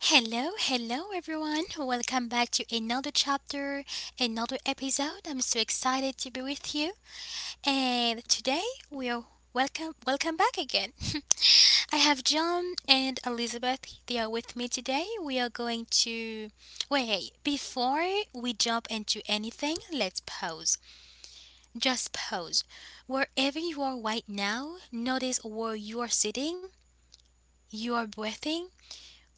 Hello everyone. Welcome back to another chapter, another episode. I'm so excited to be with you. And today we are welcome welcome back again. I have John and Elizabeth. They are with me today. We are going to wait, before we jump into anything, let's pause. Just pause. Wherever you are right now, notice where you are sitting, you are breathing.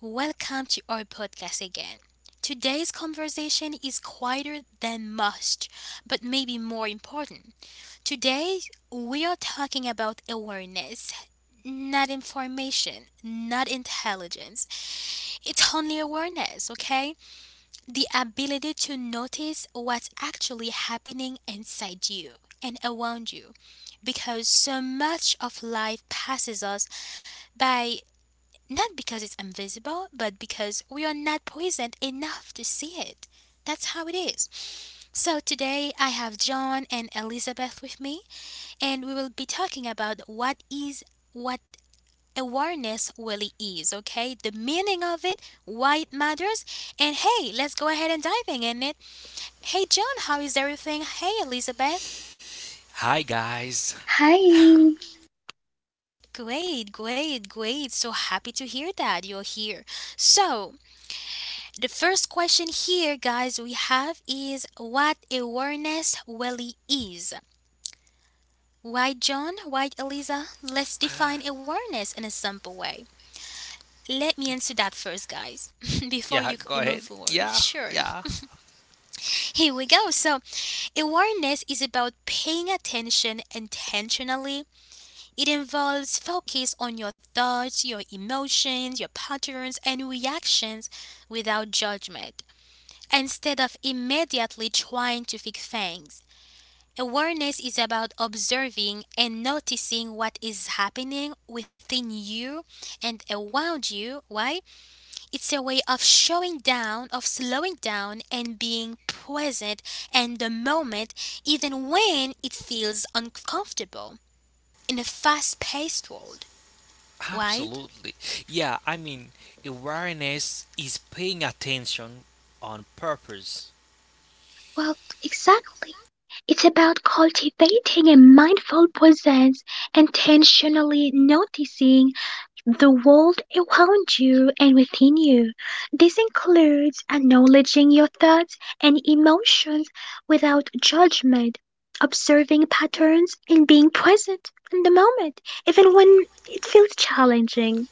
Welcome to our podcast again. Today's conversation is quieter than most, but maybe more important. Today, we are talking about awareness, not information, not intelligence. It's only awareness, okay? The ability to notice what's actually happening inside you and around you. Because so much of life passes us by, not because it's invisible, but because we are not present enough to see it. That's how it is. So today I have John and Elizabeth with me, and we will be talking about what awareness really is, okay? The meaning of it, why it matters, and hey, let's go ahead and diving in it. Hey John, how is everything? Hey Elizabeth. Hi guys. Hi. Great, great, great. So happy to hear that you're here. So, the first question here, guys, we have is what awareness really is. Why, John? Why, Eliza? Let's define awareness in a simple way. Let me Y- answer that first, guys, before Yeah, you, go you move ahead. forward. Yeah, Sure. yeah, Here we go. So, awareness is about paying attention intentionally. It involves focus on your thoughts, your emotions, your patterns, and reactions without judgment. Instead of immediately trying to fix things, awareness is about observing and noticing what is happening within you and around you. Why? It's a way of showing down, of slowing down, and being present in the moment, even when it feels uncomfortable in a fast paced world. Right? absolutely. Yeah, I mean, awareness is paying attention on purpose. Well, exactly. It's about cultivating a mindful presence, intentionally noticing the world around you and within you. This includes acknowledging your thoughts and emotions without judgment, observing patterns, and being present in the moment, even when it feels challenging.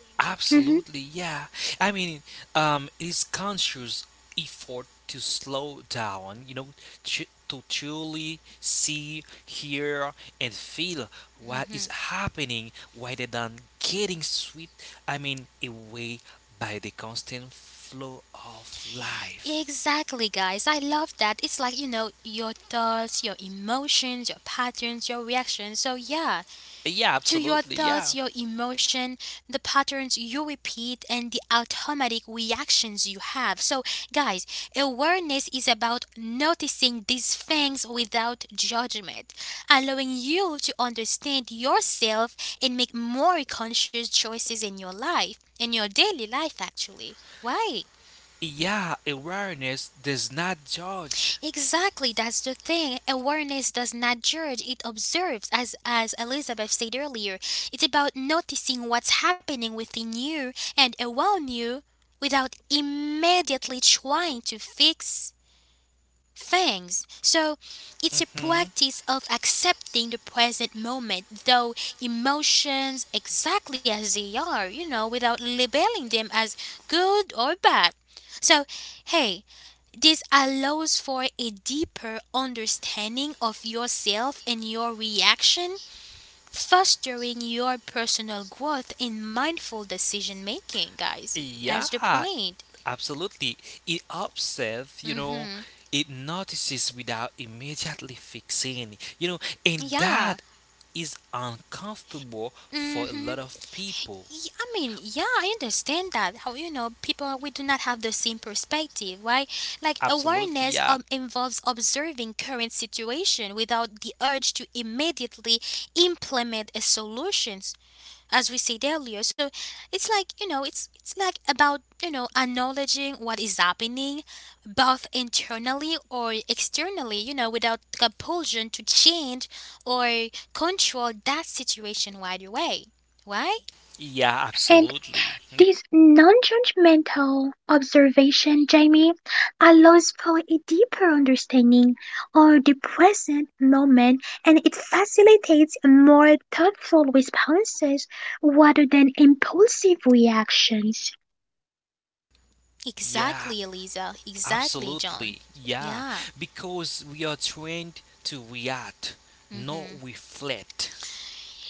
Mhm. Absolutely, yeah. I mean, it is conscious effort to slow down, you know, to truly see, hear, and feel what is Mm-hmm. happening rather than getting swept, I mean, away by the constant flow of life. Exactly, guys. I love that. It's like, you know, your thoughts, your emotions, your patterns, your reactions. So, yeah, Yeah, to your absolutely, yeah. thoughts, your emotion, the patterns you repeat, and the automatic reactions you have. So, guys, awareness is about noticing these things without judgment, allowing you to understand yourself and make more conscious choices in your life, in your daily life, actually. Why? Yeah, awareness does not judge. Exactly, that's the thing. Awareness does not judge, it observes, as Elizabeth said earlier. It's about noticing what's happening within you and around you without immediately trying to fix things. So, it's a Hmm. practice of accepting the present moment, though emotions exactly as they are, you know, without labeling them as good or bad. So, hey, this allows for a deeper understanding of yourself and your reaction, fostering your personal growth in mindful decision making, guys. That's the Yeah, point. absolutely. It observes, you know, Mhm. it notices without immediately fixing, you know, and Yeah. that is uncomfortable for a lot Mhm. of people. I mean, yeah, I understand that. How you know, people we do not have the same perspective, right? Like Absolutely. awareness Yeah. Involves observing current situation without the urge to immediately implement a solution as we said earlier. So it's like you know, it's like about you know acknowledging what is happening, both internally or externally. You know, without compulsion to change or control that situation right away. Right? Yeah, And absolutely. This non-judgmental observation, Jamie, allows for a deeper understanding of the present moment, and it facilitates more thoughtful responses rather than impulsive reactions. Yeah, Exactly, Eliza. Exactly, absolutely. John. Yeah. Yeah. Because we are trained to react, not reflect.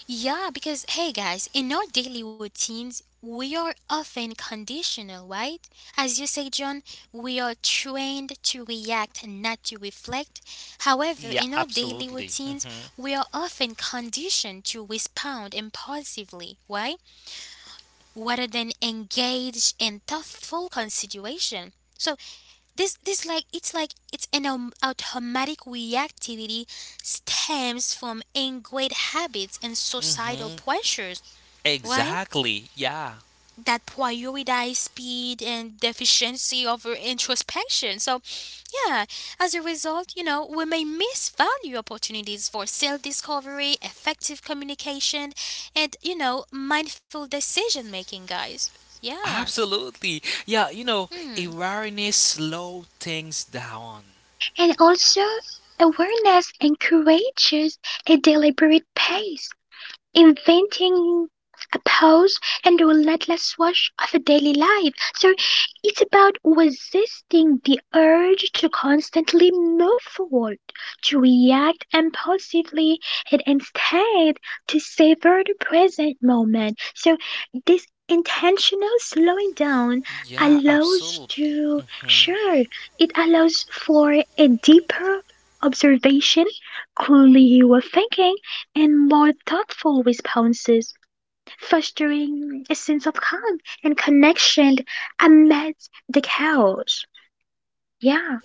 Yeah, because hey guys, in our daily routines, we are often conditional, right? As you say, John, we are trained to react and not to reflect. However, Yeah, in our daily absolutely. routines, Mhm. we are often conditioned to respond impulsively, right? Rather than engage in thoughtful consideration. So this like it's an automatic reactivity stems from ingrained habits and societal Mhm. pressures, right? Exactly. Yeah. That prioritize speed and efficiency over introspection. So, yeah, as a result, you know, we may miss value opportunities for self discovery, effective communication, and, you know, mindful decision making, guys. Yeah. Absolutely. Yeah, you know, Hmm. awareness slow things down. And also, awareness encourages a deliberate pace, inventing a pause and relentless rush of a daily life. So it's about resisting the urge to constantly move forward, to react impulsively, and instead to savor the present moment. So this intentional slowing down Yeah, allows absolutely. to Hmm. sure it allows for a deeper observation, clearer thinking, and more thoughtful responses, fostering a sense of calm and connection amidst the chaos. Yeah,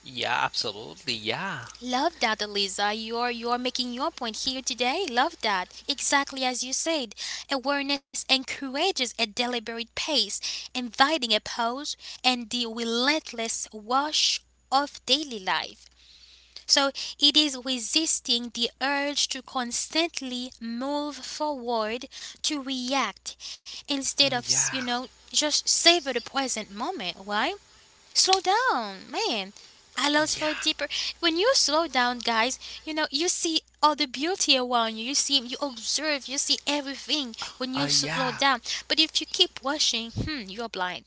Yeah, absolutely. Yeah. Love that, Eliza. You're making your point here today. Love that. Exactly as you said. Awareness encourages a deliberate pace, inviting a pause and the relentless wash of daily life. So it is resisting the urge to constantly move forward to react instead of, Mm, you yeah. know, just savor the present moment. Why? Slow down, man, allows for Yeah. a deeper, when you slow down guys, you know you see all the beauty around you, you see, you observe, you see everything when you slow Yeah. down, but if you keep rushing, hmm, you're blind,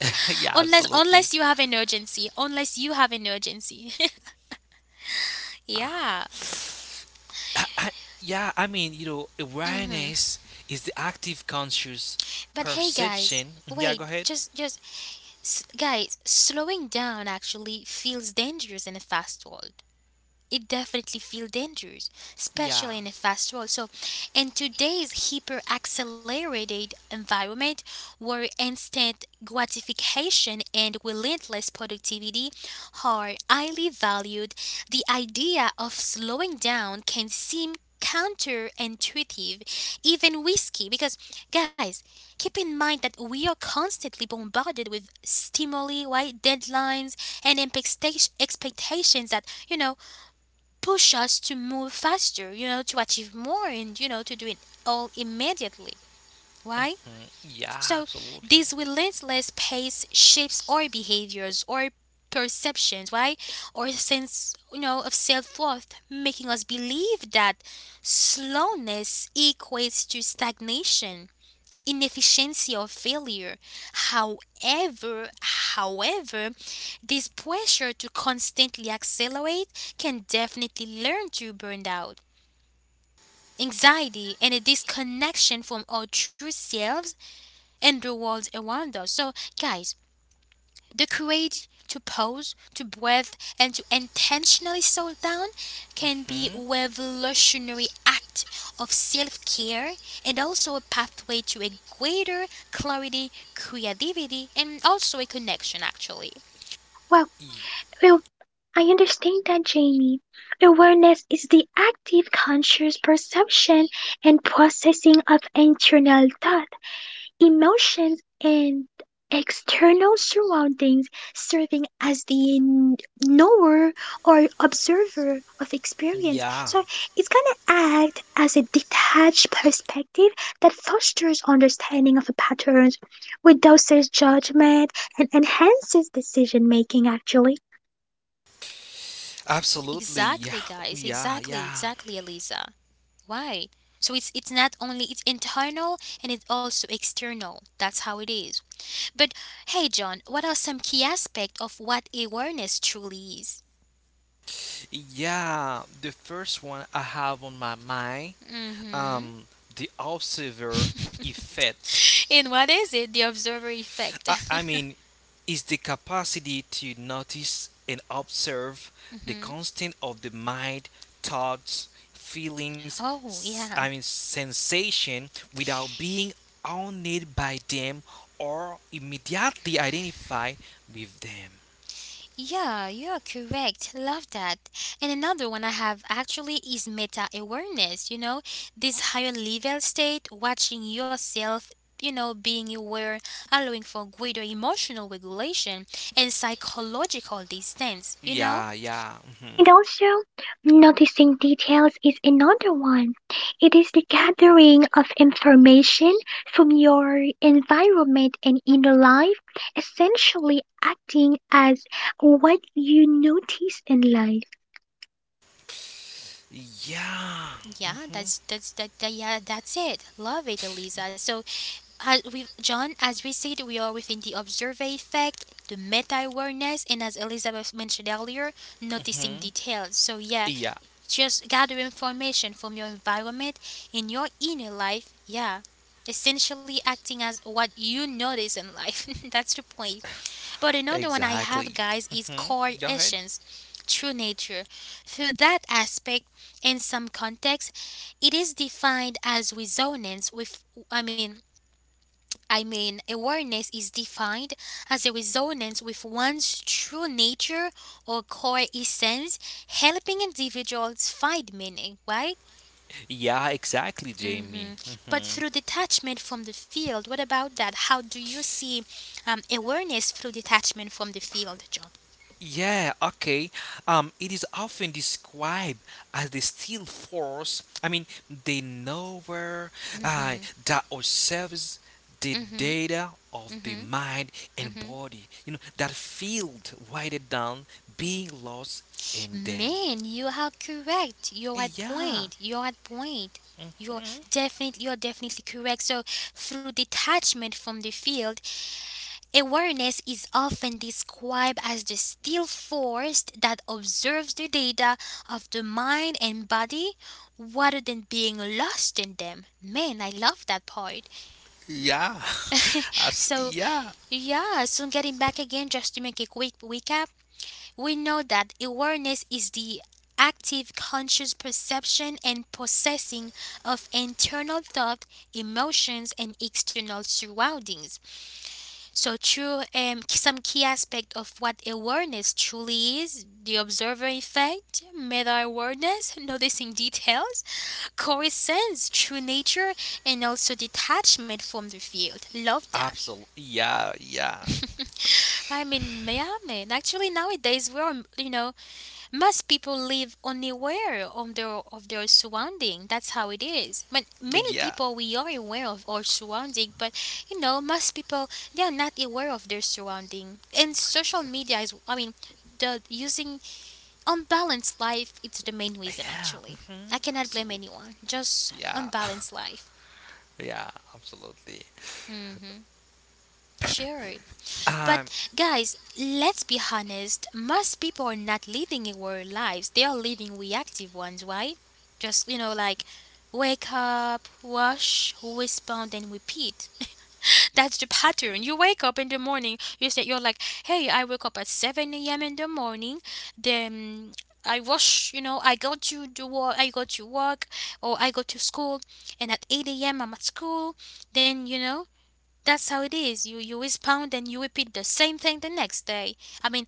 Yeah, unless absolutely. unless you have an urgency, unless you have an urgency. Yeah, I, I, yeah, I mean, you know, awareness is the active conscious but hey guys, perception. Yeah, wait, go ahead. just guys, slowing down actually feels dangerous in a fast world. It definitely feels dangerous, Yeah. especially in a fast world. So, in today's hyper accelerated environment where instant gratification and relentless productivity are highly valued, the idea of slowing down can seem counterintuitive, even risky. Because, guys, keep in mind that we are constantly bombarded with stimuli, right? Deadlines and expectations that, you know, push us to move faster, you know, to achieve more and, you know, to do it all immediately. Why? Mhm. Yeah, So, this absolutely. relentless pace shapes our behaviors, our perceptions, right? Our sense, you know, of self-worth, making us believe that slowness equates to stagnation, inefficiency, or failure. However, this pressure to constantly accelerate can definitely learn to burn out. Anxiety and a disconnection from our true selves and the world, a wonder. So, guys, the courage to pause, to breathe, and to intentionally slow down can be a Hmm? revolutionary act of self care and also a pathway to a greater clarity, creativity, and also a connection, actually. well, well, I understand that, Jamie. Awareness is the active, conscious perception and processing of internal thought, emotions, and external surroundings, serving as the knower or observer of experience. Yeah, So it's gonna act as a detached perspective that fosters understanding of the patterns, reduces judgment, and enhances decision making actually. absolutely. Exactly, Yeah, guys. yeah, Exactly, yeah, Eliza. Why? So it's not only it's internal and it's also external. That's how it is. But hey, John, what are some key aspects of what awareness truly is? yeah. The first one I have on my mind, Hmm. um, the observer effect. And what is it? The observer effect. I, I mean, is the capacity to notice and observe the Hmm. constant of the mind, thoughts, feelings, Oh, I yeah. mean, sensation without being owned by them or immediately identify with them. Yeah, you're correct. Love that. And another one I have actually is meta awareness, you know, this higher level state, watching yourself. You know, being aware, allowing for greater emotional regulation and psychological distance, you know? Yeah, yeah. Mhm. And also, noticing details is another one. It is the gathering of information from your environment and inner life, essentially acting as what you notice in life. Yeah. Yeah, Hmm. That's that, that yeah, that's it. Love it, Elisa. So, as we John, as we said, we are within the observer effect, the meta awareness, and as Elizabeth mentioned earlier, hmm noticing details. So yeah, Yeah, just gather information from your environment in your inner life. Yeah, essentially acting as what you notice in life. That's the point. But another one I exactly. have, guys, is Hmm. core Go ahead. essence, true nature. Through that aspect, in some contexts, it is defined as resonance with, I mean, I mean, awareness is defined as a resonance with one's true nature or core essence, helping individuals find meaning, right? Yeah, exactly, Jamie. Hmm. But Hmm. through detachment from the field, what about that? How do you see awareness through detachment from the field, John? Yeah, okay. It is often described as the steel force. I mean, the nowhere uh, Mm-hmm. that observes the Mhm, data of the mhm, mind and mhm. body. You know that field wider down, being lost in them. Man, you are correct. You're at Yeah, point. You're at point. You're you're definitely correct. So through detachment from the field, awareness is often described as the still force that observes the data of the mind and body rather than being lost in them. Man, I love that part. yeah, as, So yeah, yeah, so getting back again just to make a quick recap, we know that awareness is the active conscious perception and processing of internal thought, emotions, and external surroundings. So, through some key aspect of what awareness truly is, the observer effect, meta awareness, noticing details, coherence, true nature, and also detachment from the field. Love that. absolutely. Yeah, I mean, yeah, man. Actually, nowadays we are, you know, most people live unaware of their surrounding. That's how it is. But many yeah, people we are aware of our surrounding, but you know, most people they are not aware of their surrounding. And social media is, I mean, the using unbalanced life. It's the main reason yeah. actually. Hmm. I cannot blame Absolutely. anyone. Just Yeah, unbalanced life. yeah, absolutely. Mm-hmm. Sure. Um, But guys, let's be honest. Most people are not living aware lives. They are living reactive ones, right? Just you know, like wake up, wash, respond, and repeat. That's the pattern. You wake up in the morning. You say you're like, hey, I wake up at seven a.m. in the morning. Then I wash. You know, I go to the work. I go to work, or I go to school. And at eight a.m. I'm at school. Then you know, that's how it is. You respond and you repeat the same thing the next day. I mean,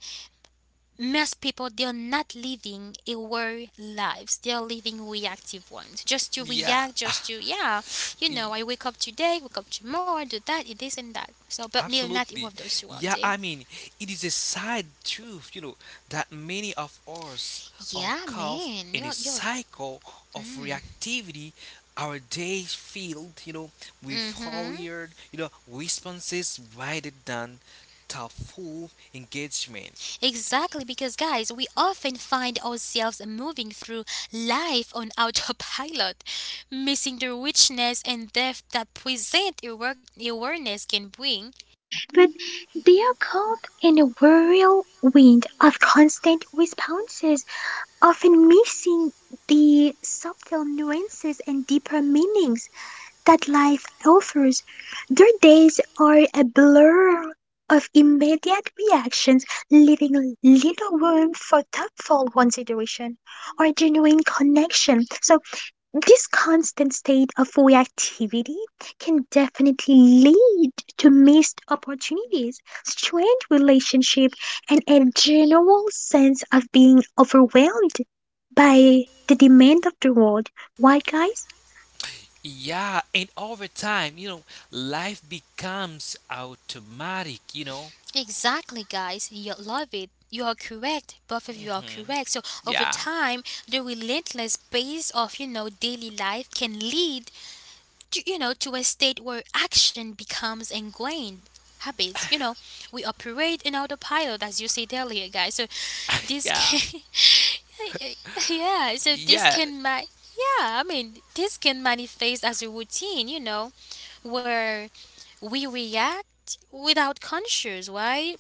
most people they're not living aware lives. They're living reactive ones. Just to yeah, react, just to yeah, you know, E- I wake up today, wake up tomorrow, do that, it this and that. So, but they're not aware absolutely. of those Yeah, surrounding. I mean, it is a sad truth, you know, that many of us are Yeah, caught man, in a you're. cycle of reactivity. Our days filled, you know, with Mm-hmm. hurried, you know, responses rather than thoughtful engagement. Exactly, because guys, we often find ourselves moving through life on autopilot, missing the richness and depth that present awareness can bring. But they are caught in a whirlwind of constant responses, often missing the subtle nuances and deeper meanings that life offers. Their days are a blur of immediate reactions, leaving little room for thoughtful consideration or genuine connection. So, this constant state of reactivity can definitely lead to missed opportunities, strained relationships, and a general sense of being overwhelmed by the demand of the world. Why, guys? Yeah, and over time, you know, life becomes automatic, you know. Exactly, guys, you love it. You are correct. Both of you are Hmm. correct. So over Yeah, time, the relentless pace of you know daily life can lead to, you know, to a state where action becomes ingrained habits. You know, we operate in autopilot, as you said earlier, guys. So this yeah, can, yeah, so yeah. this can, yeah, I mean, this can manifest as a routine, you know, where we react without conscious, right?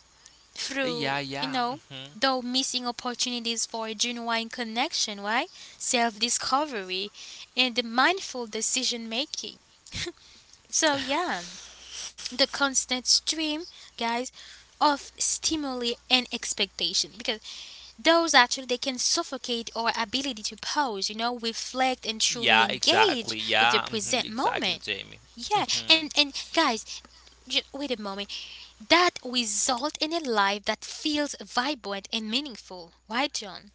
yeah, Through, you yeah. know, Hmm. though missing opportunities for genuine connection, right? Self discovery and the mindful decision making. So yeah, the constant stream, guys, of stimuli and expectation because those actually they can suffocate our ability to pause, you know, reflect and truly Yeah, engage exactly. with the Yeah, hmm, present exactly, moment. Jamie. Yeah, Hmm. and guys, just wait a moment. That result in a life that feels vibrant and meaningful. Right, John?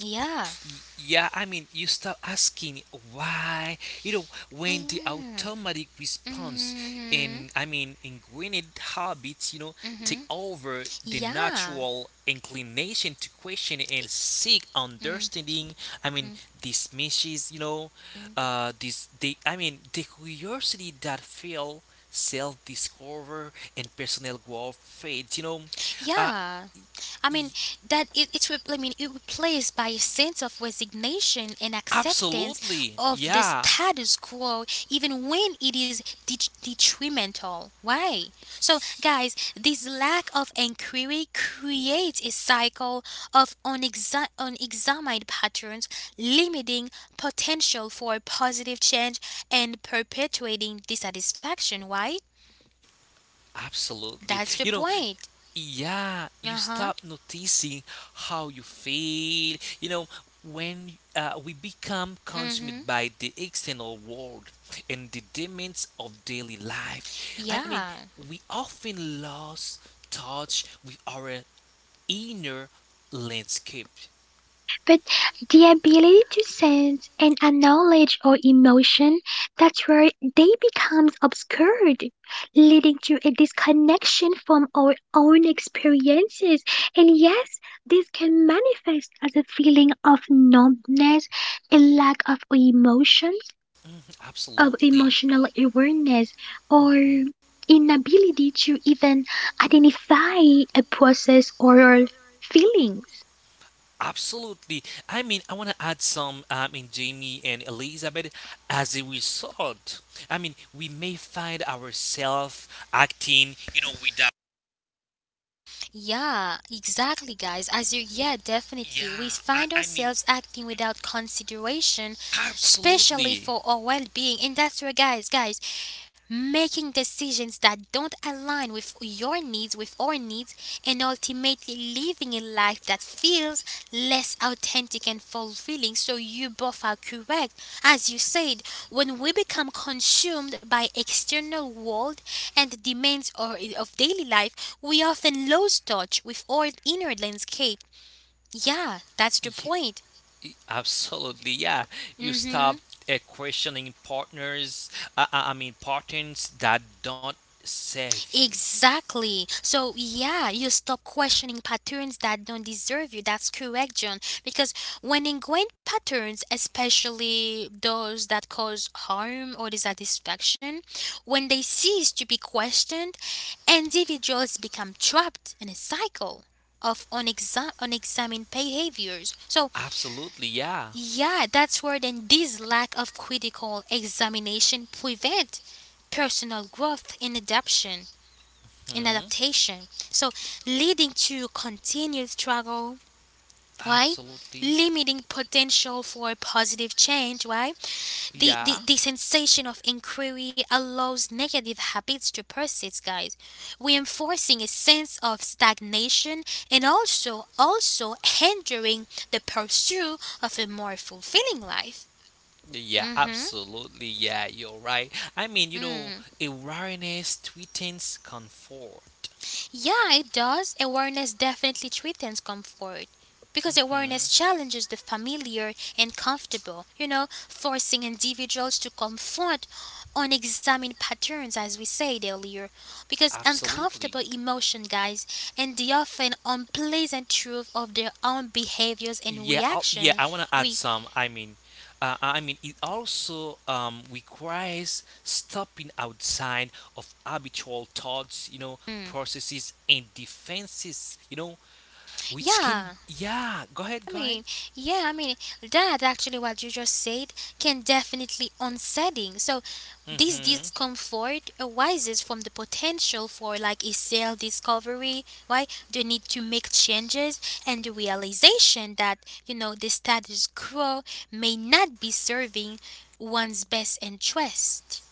Yeah. Yeah, I mean, you stop asking why. You know, when the Yeah. automatic response Mhm. and I mean, ingrained habits, you know, take Mhm. over the Yeah. natural inclination to question and seek understanding. I mean, dismisses, you know, Mm. This the I mean, the curiosity that feel self-discover and personal growth fades. Uh, Yeah. I mean y- that it, it's re- I mean it replaced by a sense of resignation and acceptance Absolutely, of the yeah. status quo, even when it is detrimental. Why? So, guys, this lack of inquiry creates a cycle of unexamined patterns, limiting potential for positive change and perpetuating dissatisfaction. Why? Absolutely. You That's the know, point. yeah, you Uh stop huh. noticing how you feel. You know, when we become Mm hmm. consumed by the external world and the demands of daily life, I mean, Yeah. we often lose touch with our inner landscape. But the ability to sense and acknowledge our emotion, that's where they becomes obscured, leading to a disconnection from our own experiences. And yes, this can manifest as a feeling of numbness, a lack of emotions, of Absolutely. emotional awareness, or inability to even identify a process or feelings. Absolutely. I mean, I want to add some. I mean, Jamie and Elizabeth, as a result, I mean, we may find ourselves acting, you know, without. Yeah, exactly, guys. As you, yeah, Yeah, definitely. We find I mean, ourselves acting without consideration, especially absolutely. for our well being. And that's where, guys, making decisions that don't align with your needs, with our needs, and ultimately living a life that feels less authentic and fulfilling. So you both are correct. As you said, when we become consumed by external world and the demands of daily life, we often lose touch with our inner landscape. Yeah, that's the Ye- point. Absolutely, yeah. You Hmm. stop questioning partners, I mean, partners that don't serve you. Exactly. So, yeah, you stop questioning patterns that don't deserve you. That's correct, John. Because when ingrained patterns, especially those that cause harm or dissatisfaction, when they cease to be questioned, individuals become trapped in a cycle of unexamined behaviors. So, Absolutely, yeah. yeah, that's where then this lack of critical examination prevent personal growth and adaption and Hmm. adaptation. So, leading to continued struggle, right? Absolutely, Limiting potential for positive change, right? The, yeah. the, the sensation of inquiry allows negative habits to persist, guys, reinforcing a sense of stagnation and also hindering the pursuit of a more fulfilling life. Yeah, Mm-hmm. absolutely. Yeah, you're right. I mean, you know, Mm-hmm. awareness threatens comfort. Yeah, it does. Awareness definitely threatens comfort. Because Hmm, awareness challenges the familiar and comfortable, you know, forcing individuals to confront unexamined patterns, as we said earlier. Because absolutely. uncomfortable emotion, guys, and the often unpleasant truth of their own behaviors and Yeah. reactions, I want to add we, some. I mean, it also requires stopping outside of habitual thoughts, you know, mm, processes and defenses, you know, which can. yeah, Yeah, go ahead, I go ahead. mean, yeah, I mean, that actually what you just said can definitely unsettling. So this Hmm. discomfort arises from the potential for like a self-discovery, right? The need to make changes and the realization that, you know, the status quo may not be serving one's best interest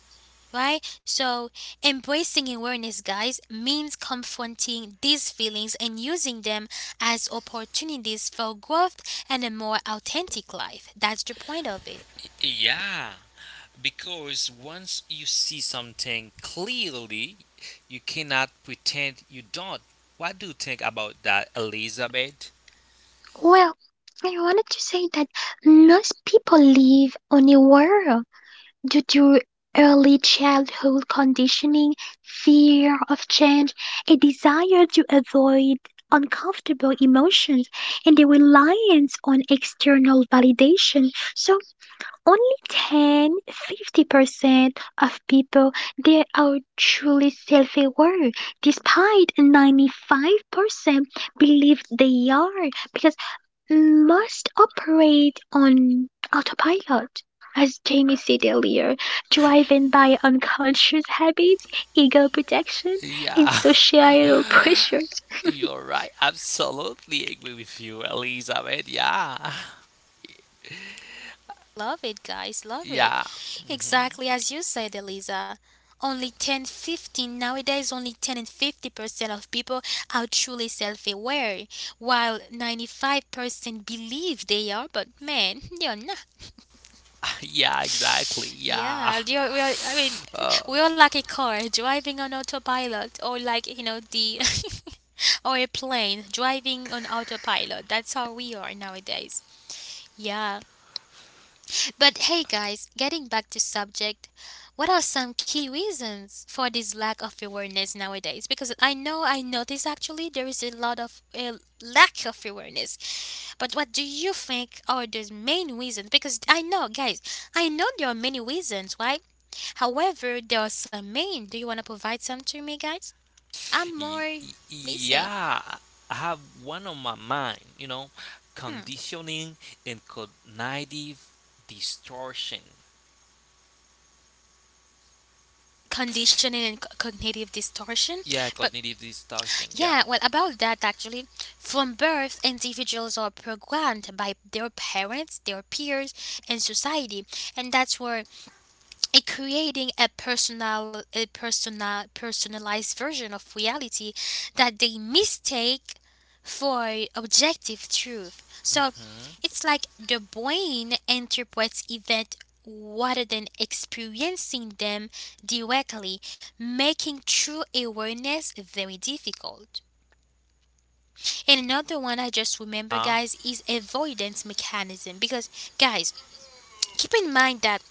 right? So, embracing awareness, guys, means confronting these feelings and using them as opportunities for growth and a more authentic life. That's the point of it. Yeah, because once you see something clearly, you cannot pretend you don't. What do you think about that, Elizabeth? Well, I wanted to say that most people live unaware due to early childhood conditioning, fear of change, a desire to avoid uncomfortable emotions, and a reliance on external validation. So only 10-50% of people they are truly self-aware, despite 95% believe they are, because must operate on autopilot, as Jamie said earlier, driven by unconscious habits, ego protection, and Yeah, societal pressures. you're right. Absolutely agree with you, Elizabeth. Yeah, Love it, guys, love it. yeah, Exactly as you said, Eliza. Only 10, 15 nowadays, only 10 and 50% of people are truly self aware, while 95% believe they are, but man, they are. yeah, exactly. Yeah. Yeah, we are, I mean, Uh, we are like a car driving on autopilot, or like, you know, the or a plane driving on autopilot. That's how we are nowadays. Yeah. But hey guys, getting back to subject, what are some key reasons for this lack of awareness nowadays? Because I know I notice actually there is a lot of a lack of awareness. But what do you think are the main reasons? Because I know guys, I know there are many reasons, right? However, there are some main. Do you want to provide some to me guys? I'm more listening. yeah, I have one on my mind, you know, Hmm. conditioning and cognitive distortion. Conditioning and cognitive distortion, Yeah, but cognitive distortion. Yeah. yeah, well, about that actually, from birth, individuals are programmed by their parents, their peers, and society, and that's where it creating personalized version of reality that they mistake for objective truth. So Hmm. it's like the brain interprets event rather than experiencing them directly, making true awareness very difficult. And another one I just remember, Uh, guys, is avoidance mechanism. Because, guys, keep in mind that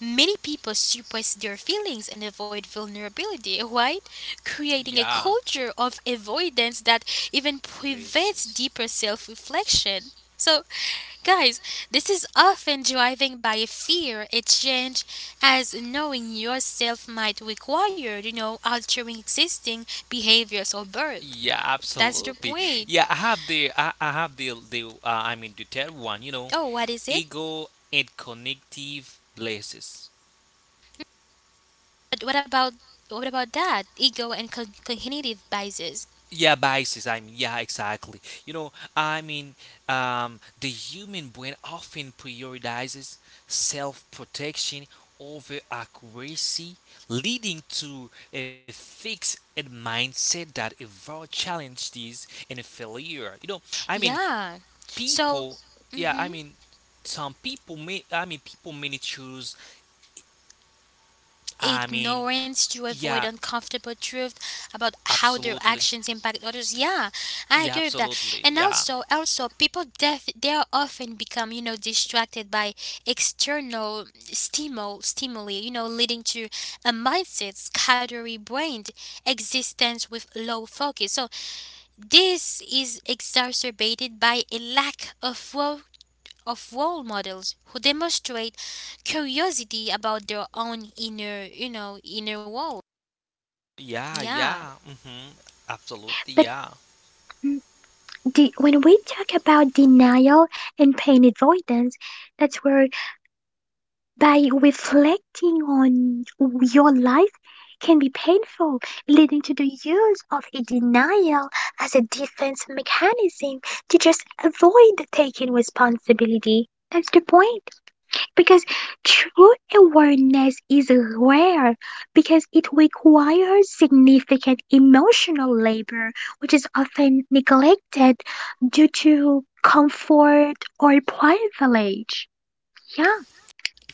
many people suppress their feelings and avoid vulnerability, right? Creating a yeah. culture of avoidance that even prevents Places. deeper self reflection. So, guys, this is often driven by a fear, a change, as knowing yourself might require, you know, altering existing behaviors or birth. Yeah, That's the absolutely. point. Yeah, I have the I have the I mean the third one, you know, Oh, what is it? ego and cognitive biases. But what about that ego and cognitive biases? Yeah, biases. I mean, yeah, exactly. You know, I mean, the human brain often prioritizes self protection over accuracy, leading to a fixed mindset that avoid challenges and failure. You know, I mean, Yeah. So, people, yeah, I mhm, mean, some people may, I mean, people may choose, I mean, ignorance to avoid yeah, uncomfortable truth about how their absolutely. actions impact others. Yeah, I Yeah, agree with that. absolutely. And Yeah. also, also people they are often become you know distracted by external stimuli. You know, leading to a mindset scattery brained existence with low focus. So this is exacerbated by a lack of of role models who demonstrate curiosity about their own inner, you know, inner world. Yeah, Yeah. yeah. Hmm. Absolutely, But yeah. mm, when we talk about denial and pain avoidance, that's where by reflecting on your life can be painful, leading to the use of a denial as a defense mechanism to just avoid taking responsibility. That's the point. Because true awareness is rare because it requires significant emotional labor, which is often neglected due to comfort or privilege. Yeah,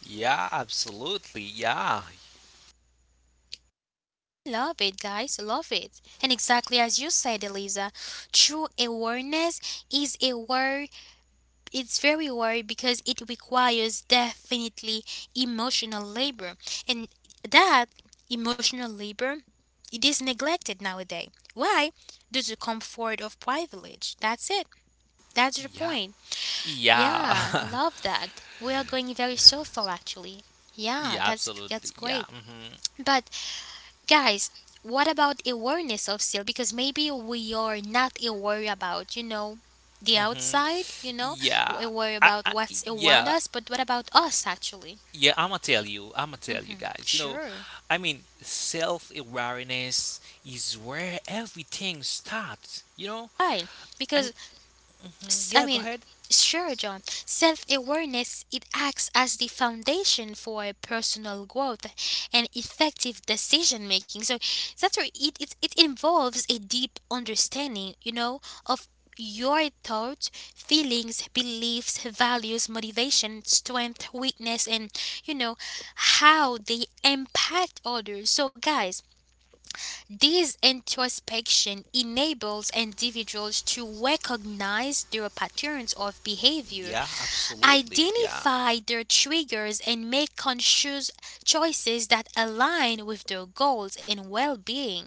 Yeah, absolutely, yeah. Love it, guys. Love it. And exactly as you said, Eliza, true awareness is aware it's very hard because it requires definitely emotional labor and that emotional labor it is neglected nowadays. Why? Due to comfort of privilege. That's it. That's the Yeah, point. Yeah, yeah. love that we are going very so far actually. Yeah, Yeah, absolutely, that's yeah. great. Hmm. But guys, what about awareness of still? Because maybe we are not aware about, you know, the Hmm. outside, you know, Yeah. we worry I, about I, what's around yeah, us, but what about us actually? yeah, I'ma tell you guys. You know, Sure. I mean, self-awareness is where everything starts. You know, Why? I'm. Because Mhm. I Yeah, go mean, ahead. sure, John. Self awareness it acts as the foundation for personal growth and effective decision making. So that's where it involves a deep understanding, you know, of your thoughts, feelings, beliefs, values, motivation, strength, weakness, and you know how they impact others. So, guys, this introspection enables individuals to recognize their patterns of behavior, Yeah, absolutely. Yeah, identify their triggers, and make conscious choices that align with their goals and well being.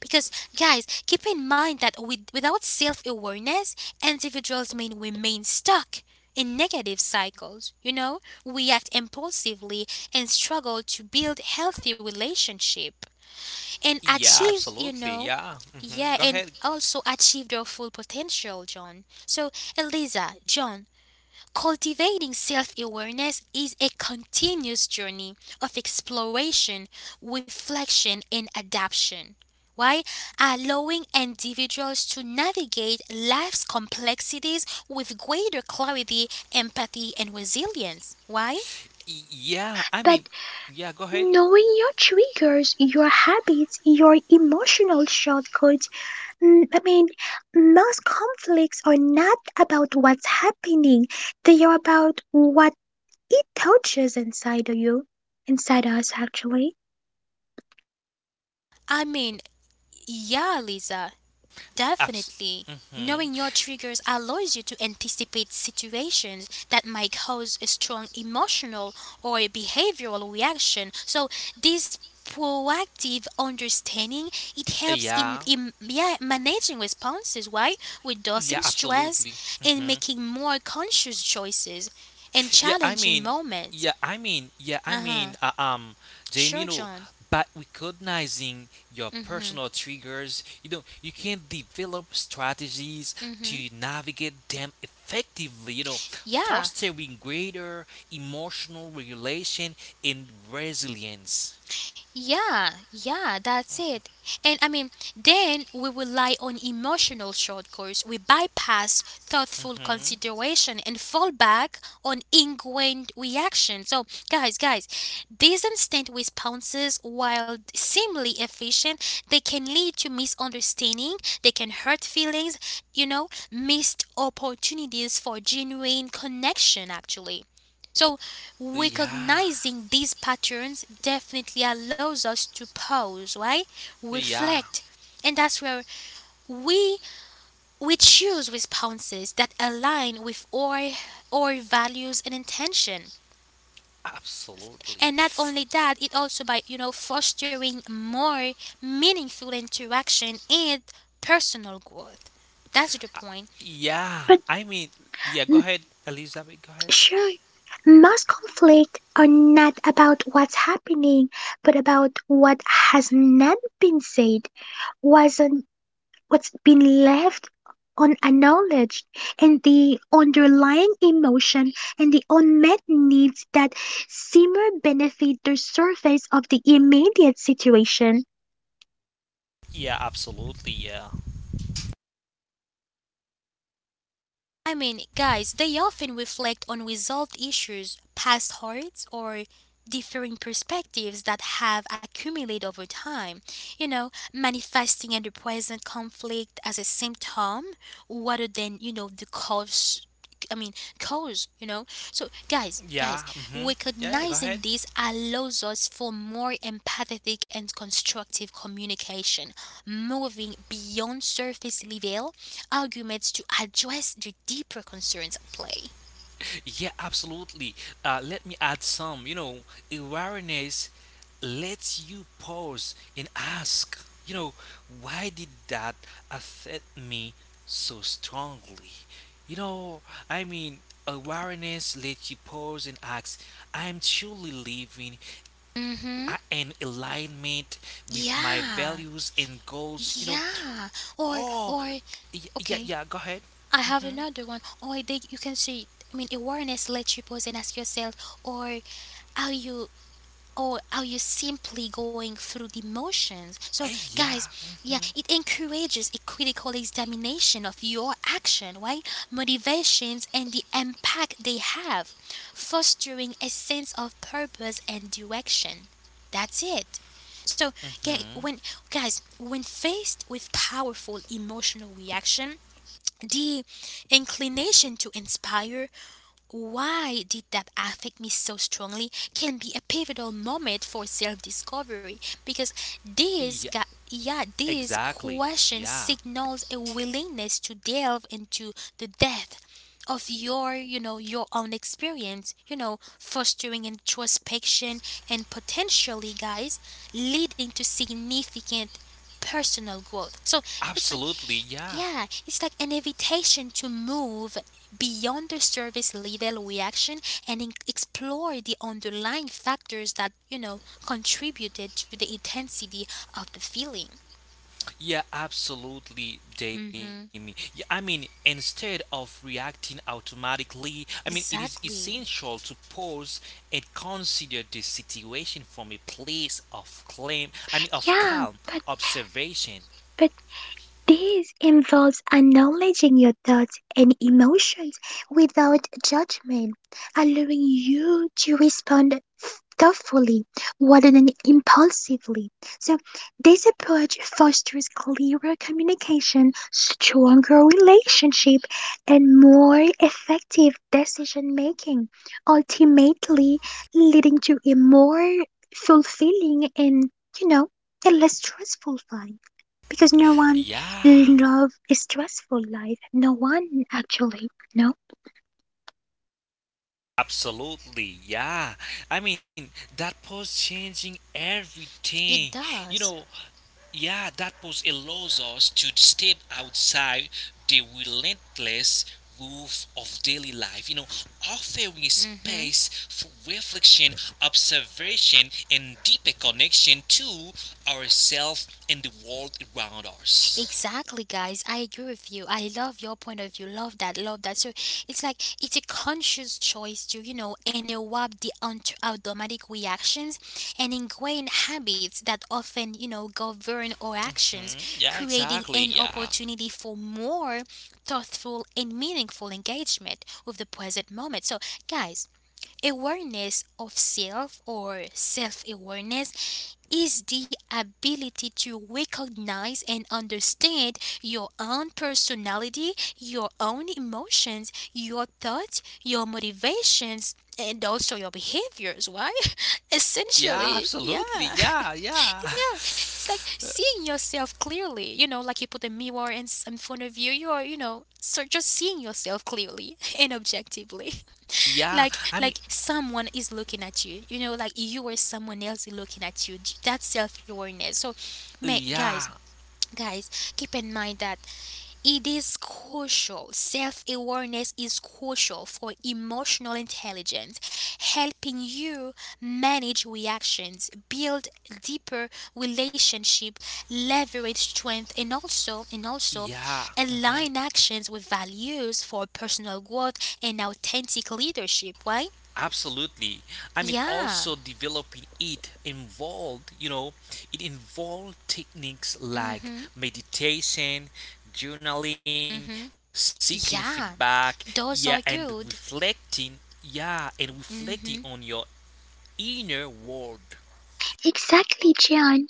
Because, guys, keep in mind that with, without self awareness, individuals may remain stuck in negative cycles. You know, we act impulsively and struggle to build healthy relationship and yeah, achieve, you absolutely. know, Yeah. Hmm. yeah, Go and ahead. also achieve their full potential, John. So, Eliza, John, cultivating self awareness is a continuous journey of exploration, reflection, and adaptation. Why? Allowing individuals to navigate life's complexities with greater clarity, empathy, and resilience. Why? Yeah, I but mean, yeah, go ahead. knowing your triggers, your habits, your emotional shortcuts, mm, I mean, most conflicts are not about what's happening, they are about what it touches inside of you, inside us actually. I mean, yeah, Lisa. Abs- Definitely. mm-hmm. Knowing your triggers allows you to anticipate situations that might cause a strong emotional or a behavioral reaction. So this proactive understanding it helps in, Yeah, in yeah, managing responses right, yeah, reducing stress absolutely. and Hmm. making more conscious choices and Yeah, I challenging mean, moments. yeah, I mean, yeah, I mean, Uh-huh. uh, um, Jamie, you Sure, know, John. by recognizing your Mm-hmm. personal triggers, you know, you can develop strategies Mm-hmm. to navigate them effectively, you know, Yeah. fostering greater emotional regulation and resilience. Yeah, yeah, that's it. And I mean, then we rely on emotional shortcuts. We bypass thoughtful Hmm. consideration and fall back on ingrained reaction. So, guys, these instant responses, while seemingly efficient, they can lead to misunderstanding. They can hurt feelings. You know, missed opportunities for genuine connection. Actually. So Yeah, recognizing these patterns definitely allows us to pause, right? yeah. Reflect. And that's where we we choose responses that align with our values and intention. Absolutely. And not only that, it also by you know fostering more meaningful interaction and personal growth. That's the point. Yeah, But I mean, yeah, go mm, ahead, Elizabeth, go ahead. sure, most conflicts are not about what's happening, but about what has not been said, wasn't what's been left on unacknowledged, and the underlying emotion and the unmet needs that simmer beneath the surface of the immediate situation. Yeah, absolutely, yeah. I mean, guys, they often reflect on resolved issues, past hurts, or differing perspectives that have accumulated over time. You know, manifesting in the present conflict as a symptom rather than, you know, the cause. I mean, cause, you know. So, guys, Yeah, guys, mm-hmm. Yeah, yeah, go ahead. recognizing this allows us for more empathetic and constructive communication, moving beyond surface level arguments to address the deeper concerns at play. Yeah, absolutely. Let me add some, you know, awareness lets you pause and ask, you know, why did that affect me so strongly? You know, I mean, awareness lets you pause and ask, I'm truly living Mm-hmm. I am alignment with my Yeah. values and goals. You know, Yeah. Or oh, or yeah, yeah. okay. Go ahead. I Mm-hmm. have another one. Or they you can see I mean awareness lets you pause and ask yourself or are you or are you simply going through the motions? So, Hey, yeah. guys, yeah, it encourages a critical examination of your action, right? Motivations and the impact they have, fostering a sense of purpose and direction. That's it. So, Mm-hmm. ga- when guys, when faced with powerful emotional reaction, the inclination to inspire why did that affect me so strongly can be a pivotal moment for self discovery because Yeah. these got yeah Exactly. these Yeah. questions signals a willingness to delve into the depth of your you know your own experience you know fostering introspection and potentially guys leading to significant personal growth. So it's like Absolutely. Yeah. yeah, it's like an invitation to move beyond the surface level reaction and explore the underlying factors that, you know, contributed to the intensity of the feeling. Yeah. Absolutely, Mhm. Jamie. Yeah, I mean, instead of reacting automatically, I mean, it is Exactly. essential to pause and consider the situation from a place of claim. I mean, of calm Yeah, but observation. but this involves acknowledging your thoughts and emotions without judgment, allowing you to respond thoughtfully rather than impulsively. So, this approach fosters clearer communication, stronger relationship, and more effective decision making, ultimately leading to a more fulfilling and, you know, a less stressful life. Because no one Yeah. love a stressful life. No one actually. No. Absolutely, yeah. I mean, that post changing It everything. You does. know, yeah, that post allows us to step outside the relentless roof of daily life, you know, offering Mhm. space for reflection, observation, and deeper connection to ourselves and the world around us. Exactly, guys. I agree with you. I love your point of view. Love that. Love that. So it's like it's a conscious choice to you know interrupt the automatic reactions and ingrain habits that often you know govern our actions, Hmm, yeah, creating exactly, an yeah. opportunity for more thoughtful and meaningful engagement with the present moment. So, guys, awareness of self or self awareness is the ability to recognize and understand your own personality, your own emotions, your thoughts, your motivations, and also your behaviors. Why? Yeah, Essentially, absolutely, yeah. It's, yeah, it's like seeing yourself clearly. You know, like you put a mirror in, in front of you. You're, you know, so Just seeing yourself clearly and objectively, yeah, like I mean, like someone is looking at you, you know, like you or someone else is looking at you. That's self-awareness. So mate guys yeah, keep in mind that it is crucial. Self-awareness is crucial for emotional intelligence, helping you manage reactions, build deeper relationship, leverage strength, and also yeah, mhm, align actions with values for personal growth and authentic leadership. Why? absolutely. I mean, Yeah. also developing it involved, you know, it involved techniques like Mhm. meditation, journaling, Mhm. seeking Yeah. feedback, Those yeah, are and good. reflecting, Mhm. on your inner world. Exactly, John.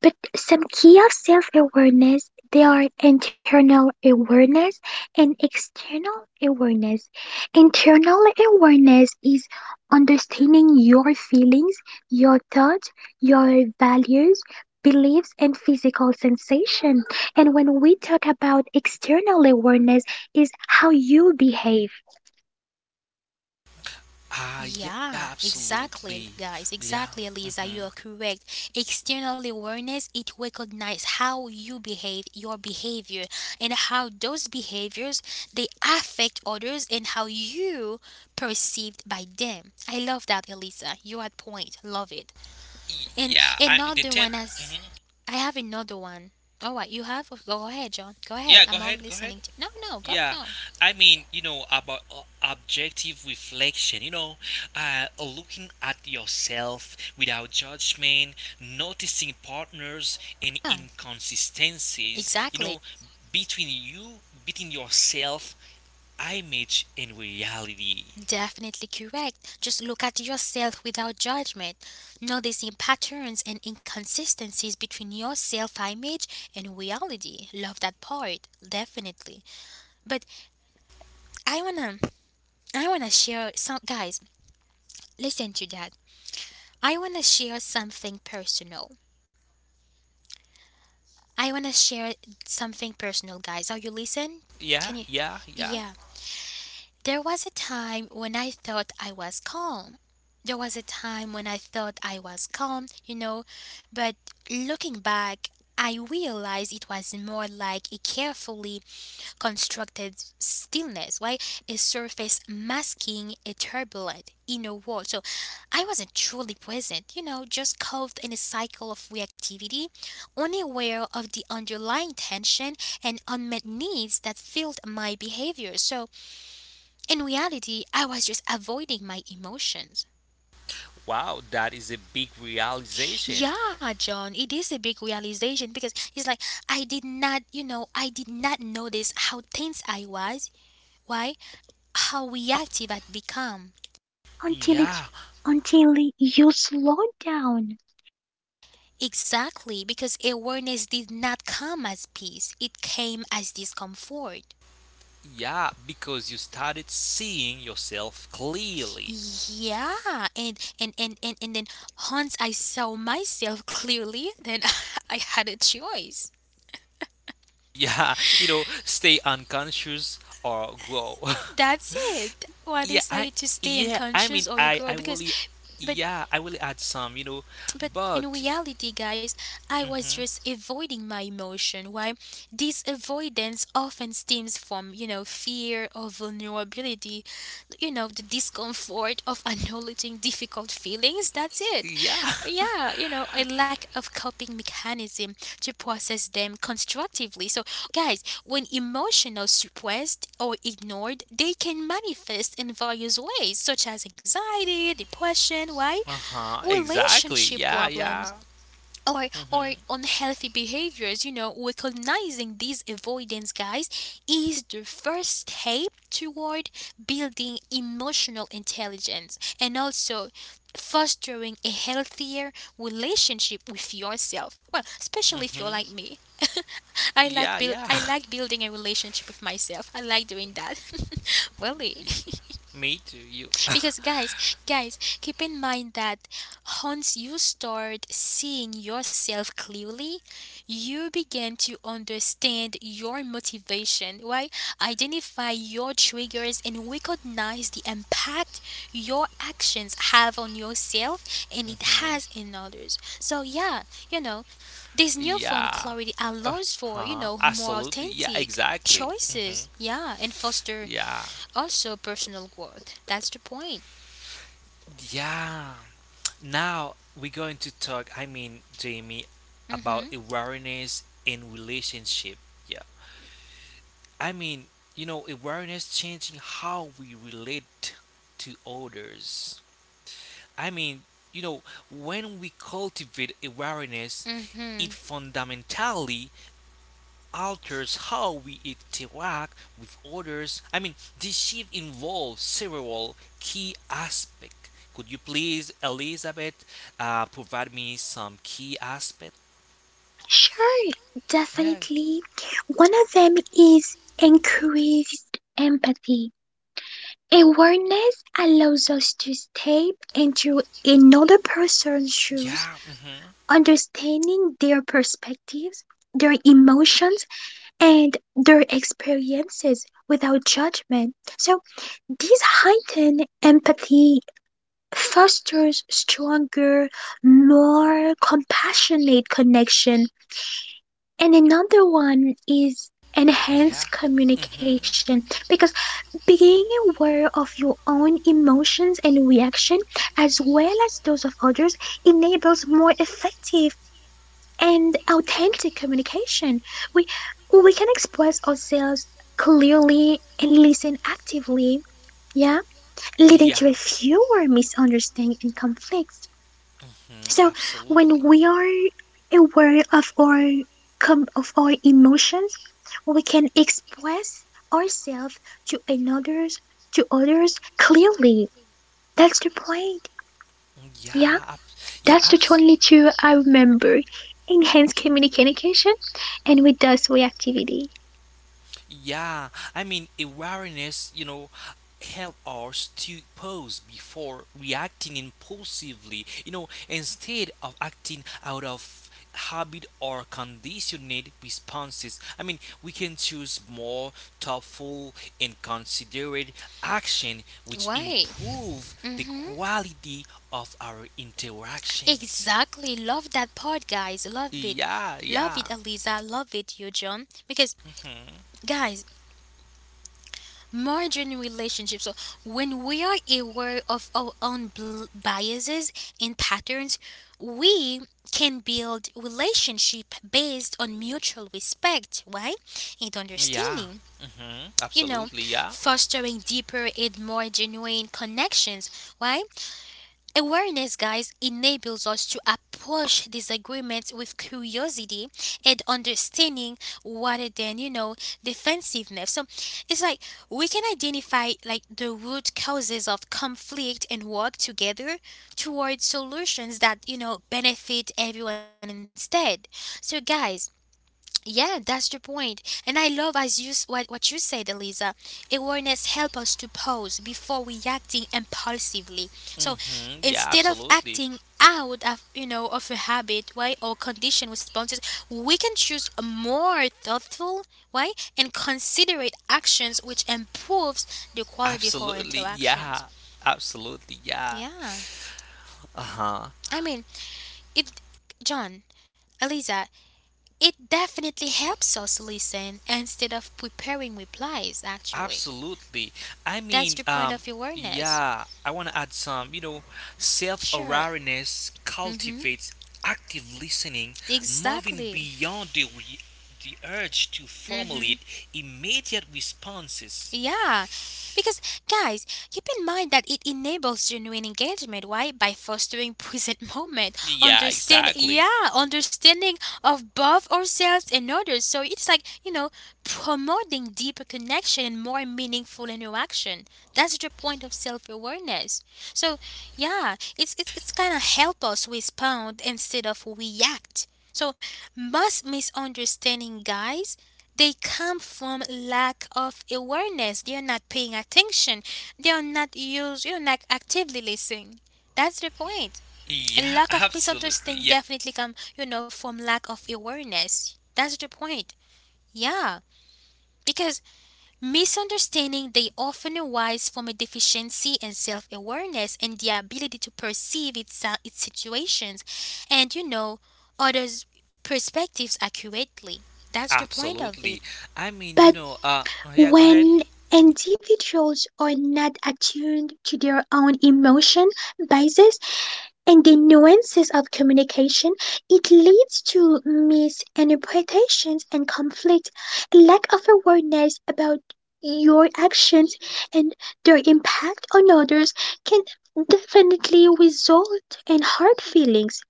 But some key of self-awareness, they are internal awareness and external awareness. Internal awareness is understanding your feelings, your thoughts, your values, beliefs, and physical sensation. And when we talk about external awareness, is how you behave Ah, yeah, Yeah. absolutely. Exactly, Yeah, guys. Exactly, mhm. Elisa. You are correct. External awareness, it recognizes how you behave, your behavior, and how those behaviors they affect others and how you perceived by them. I love that, Elisa. You are at point. Love it. And Yeah, I, the another 10. one as Mhm. I have another one. All right, you have. Oh, go ahead, John. Go Yeah, ahead. go I'm all ahead, go ahead. listening. No, no, go, Yeah, go. I mean, you know, about objective reflection, you know, looking at yourself without judgment, noticing partners and Yeah, inconsistencies, you exactly. know, between you, between yourself, image, and reality. Definitely correct. Just look at yourself without judgment, noticing patterns and inconsistencies between your self image and reality. Love that part, definitely. But I wanna I wanna share some, guys, listen to that. I wanna share something personal. I want to share something personal, guys. Are you listen? Can you? Yeah, Yeah. yeah. There was a time when I thought I was calm. There was a time when I thought I was calm, you know, but looking back, I realized it was more like a carefully constructed stillness. Why? A surface masking a turbulent inner world. So I wasn't truly present, you know, just caught in a cycle of reactivity, unaware of the underlying tension and unmet needs that filled my behavior. So in reality, I was just avoiding my emotions. Wow, that is a big realization. Yeah, John, it is a big realization because it's like I did not, you know, I did not notice how tense I was. Why? How reactive I'd become. until Yeah, it until you slow down. Exactly, because awareness did not come as peace, it came as discomfort. yeah, because you started seeing yourself clearly, Yeah, and then once I saw myself clearly, then I had a choice. yeah, you know, stay unconscious or grow. That's it. Why yeah i decide to stay yeah I mean unconscious or you I grow? Because, really but yeah, I will add some, you know, but in but reality, guys, I was hmm, just avoiding my emotion. Why? This avoidance often stems from, you know, fear or vulnerability, you know, the discomfort of acknowledging difficult feelings. That's it. yeah, Or, yeah, you know, a lack of coping mechanism to process them constructively. So, guys, when emotional suppressed or ignored, they can manifest in various ways, such as anxiety, depression. Why? uh-huh, exactly, Relationship yeah, problems yeah, or mm-hmm, unhealthy behaviors. You know, recognizing these avoidance, guys, is the first step toward building emotional intelligence and also fostering a healthier relationship with yourself. Well, especially hmm, if you're like me. Yeah, yeah. I like building a relationship with myself. I like doing that. Really. Y- Me too you. Because, guys, guys, keep in mind that once you start seeing yourself clearly, you begin to understand your motivation, right? Identify your triggers and recognize the impact your actions have on yourself and it has in Hmm. others. So yeah, you know, this newfound clarity Yeah, allows for, you uh-huh, know, more absolutely, yeah, authentic exactly, hmm, choices, yeah, and foster yeah, also personal growth. That's the point. yeah. Now we're going to talk, I mean, Jamie, about Mhm. awareness in relationship. Yeah. I mean, you know, awareness changing how we relate to others. I mean, you know, when we cultivate awareness, it Mhm. fundamentally alters how we interact with others. I mean, this shift involves several key aspects. Could you please, Elizabeth, provide me some key aspect? Sure, Yeah, definitely. One of them is increased empathy. Awareness allows us to step into another person's shoes, yeah. Mhm. understanding their perspectives, their emotions, and their experiences without judgment. So, this heightened empathy fosters stronger, more compassionate connection. And another one is Yeah. enhanced Mhm. communication, because being aware of your own emotions and reaction, as well as those of others, enables more effective and authentic communication. We we can express ourselves clearly and listen actively, yeah, leading Yeah. to a fewer misunderstandings and conflicts. So when Absolutely. we are aware of our of our emotions, we can express ourselves to another's to others clearly. That's the point. Yeah, Yeah, ab- yeah, that's the abs- only two I remember. Enhance communication and reduce reactivity. yeah, I mean, awareness, you know, help us to pause before reacting impulsively, you know, instead of acting out of habit or conditioned responses. I mean, we can choose more thoughtful and considerate action which Why? improve the Mhm. quality of our interactions. Exactly. Love that part, guys. Love it. Yeah, Love it, yeah. Eliza. Love it, you, John. Because, Mhm. guys, margin relationships. So when we are aware of our own biases and patterns, we can build relationship based on mutual respect, right, and Yeah. understanding. Mhm. You know, Absolutely, yeah. fostering deeper and more genuine connections. Why? Awareness, guys, enables us to approach disagreements with curiosity and understanding rather than, you know, defensiveness. So it's like we can identify like the root causes of conflict and work together towards solutions that, you know, benefit everyone instead. So, guys, yeah, that's the point. And I love as you what you said, Eliza. Awareness help us to pause before we acting impulsively. So Hmm. Yeah, instead of absolutely. acting out of, you know, of a habit, why, or condition responses, we can choose a more thoughtful, why, and considerate actions which improves the quality of our Absolutely. Yeah. interactions. Absolutely. Yeah. Yeah, Uh-huh. I mean it, John, Eliza. It definitely helps us listen instead of preparing replies, actually. Absolutely. I That's mean, the point of awareness. yeah, I want to add some, you know, Sure. self-awareness Mm-hmm. cultivates active listening, moving Exactly. beyond the urge to Mm-hmm. formulate immediate responses. Yeah, because, guys, keep in mind that it enables genuine engagement. Why? By fostering present moment, Yeah, understand, exactly. yeah, understanding of both ourselves and others. So it's like, you know, promoting deeper connection and more meaningful interaction. That's the point of self awareness. So yeah, it's kind of help us respond instead of react. So most misunderstanding, guys, they come from lack of awareness. They are not paying attention. They are not used, you know, like actively listening. That's the point. A Yeah, lack of absolutely. misunderstanding Yeah, definitely come, you know, from lack of awareness. That's the point. Yeah. Because misunderstanding they often arise from a deficiency in self-awareness and the ability to perceive its situations and, you know, others' perspectives accurately. That's the point of it. absolutely. I mean, you But know, yeah, go ahead. when individuals are not attuned to their own emotion, biases, and the nuances of communication, it leads to misinterpretations and conflict. Lack of awareness about your actions and their impact on others can definitely result in hurt feelings,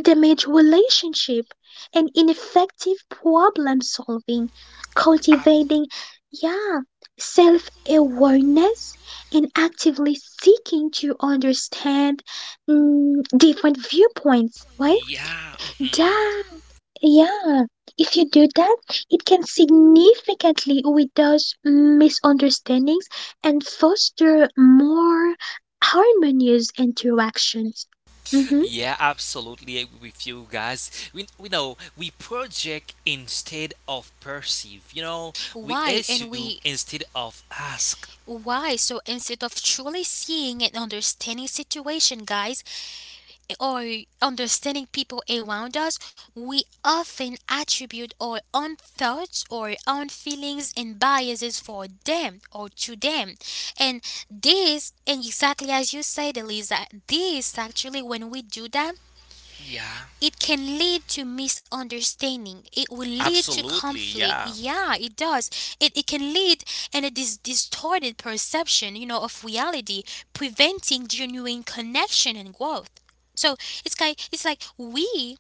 damaged relationships, and ineffective problem solving. Cultivating, yeah, self awareness and actively seeking to understand different viewpoints, right? Yeah, mhm. That, yeah, if you do that, it can significantly reduce misunderstandings and foster more harmonious interactions. Mhm. Yeah, absolutely agree with you guys. We know we project instead of perceive. You know, we Why and assume we instead of ask. Why? So instead of truly seeing and understanding situation, guys, or understanding people around us, we often attribute our own thoughts or own feelings and biases for them or to them. And this, and exactly as you said, Elisa, this actually when we do that, Yeah, it can lead to misunderstanding, it will lead to absolutely. conflict, Yeah, yeah, it does. It can lead, and it is distorted perception, you know, of reality, preventing genuine connection and growth. So it's like we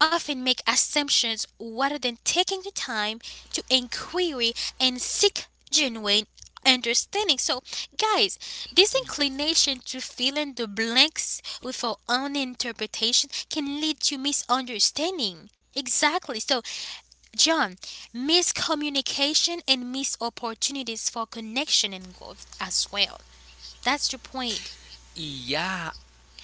often make assumptions rather than taking the time to inquire and seek genuine understanding. So, guys, this Y- inclination to fill in the blanks with our own interpretation can lead to misunderstanding. Exactly. So, John, miscommunication and missed opportunities for connection and growth as well. That's the point. yeah, yeah,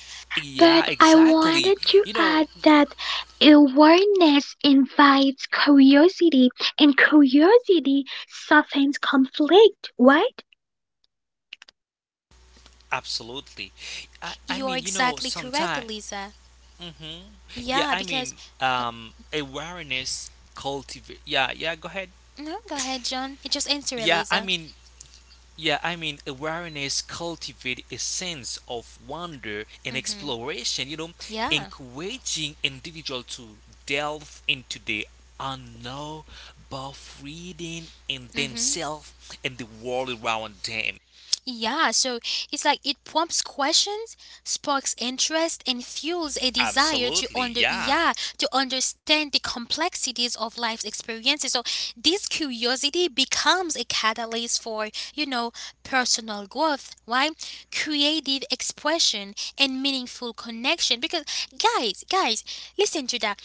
But exactly. I You know, wanted to add that awareness invites curiosity, and curiosity softens conflict, right? absolutely. I mean, You're you know, exactly correct, sometimes. Eliza. Hmm. Yeah, I Yeah, mean, because awareness cultivate. Yeah, Go ahead. no, go ahead, John. Just answer, Yeah, I Eliza. mean, yeah, I mean, awareness cultivate a sense of wonder and exploration, you know, Yeah. encouraging individual to delve into the unknown, both reading in Hmm. themselves and the world around them. Yeah. So it's like it prompts questions, sparks interest, and fuels a desire to Absolutely, under, yeah. yeah, to understand the complexities of life's experiences. So this curiosity becomes a catalyst for, you know, personal growth, right? Creative expression and meaningful connection. Because, guys, guys, listen to that.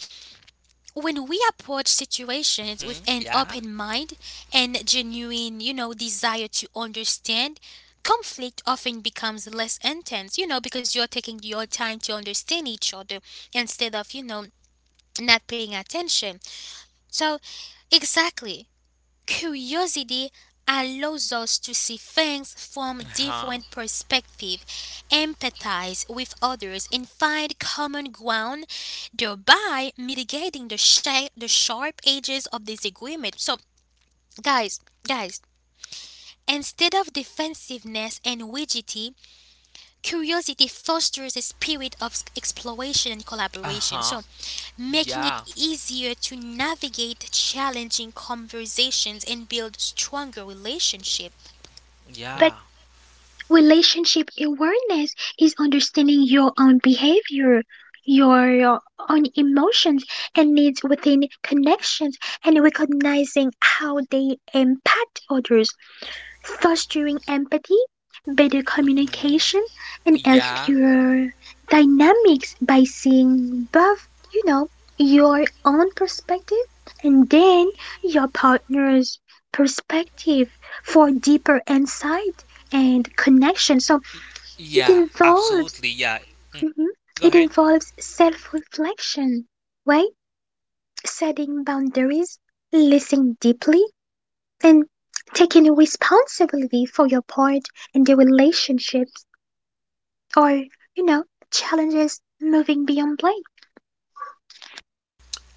When we approach situations with Hmm. an open Yeah. mind and genuine, you know, desire to understand, conflict often becomes less intense, you know, because you're taking your time to understand each other instead of, you know, not paying attention. So, exactly. Curiosity allows us to see things from Uh-huh. different perspectives, empathize with others, and find common ground, thereby mitigating the, the sharp edges of disagreement. So, guys, guys, instead of defensiveness and rigidity, curiosity fosters a spirit of exploration and collaboration, so Uh-huh. making it Yeah. easier to navigate challenging conversations and build stronger relationships. But Yeah. relationship awareness is understanding your own behavior, your own emotions and needs within connections, and recognizing how they impact others, fostering empathy, better Yeah. communication, and Yeah. healthier dynamics by seeing both, you know, your own perspective and then your partner's perspective for deeper insight and connection. So it Yeah, absolutely. involves Yeah, mhm, go it ahead. involves self-reflection, right? Setting boundaries, listening deeply, and taking responsibility for your part in the relationships or, you know, challenges, moving beyond blame.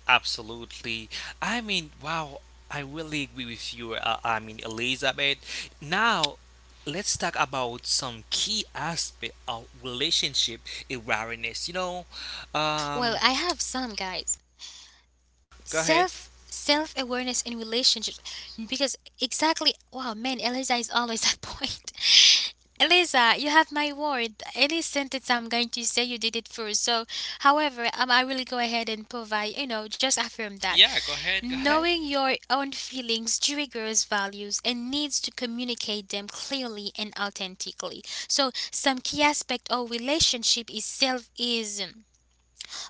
Absolutely. I mean, wow, I really agree with you. I mean, Elizabeth. Now, let's talk about some key aspect of relationship awareness. You know, Well, um, I have some, guys. go ahead. Self awareness in relationships, because exactly, wow, man, Eliza is always at point. Eliza, you have my word. Any sentence I'm going to say, you did it first. So, however, I really go ahead and provide, you know, just affirm that. Yeah, go ahead, go ahead. Knowing your own feelings triggers values and needs to communicate them clearly and authentically. So some key aspect of relationship is self is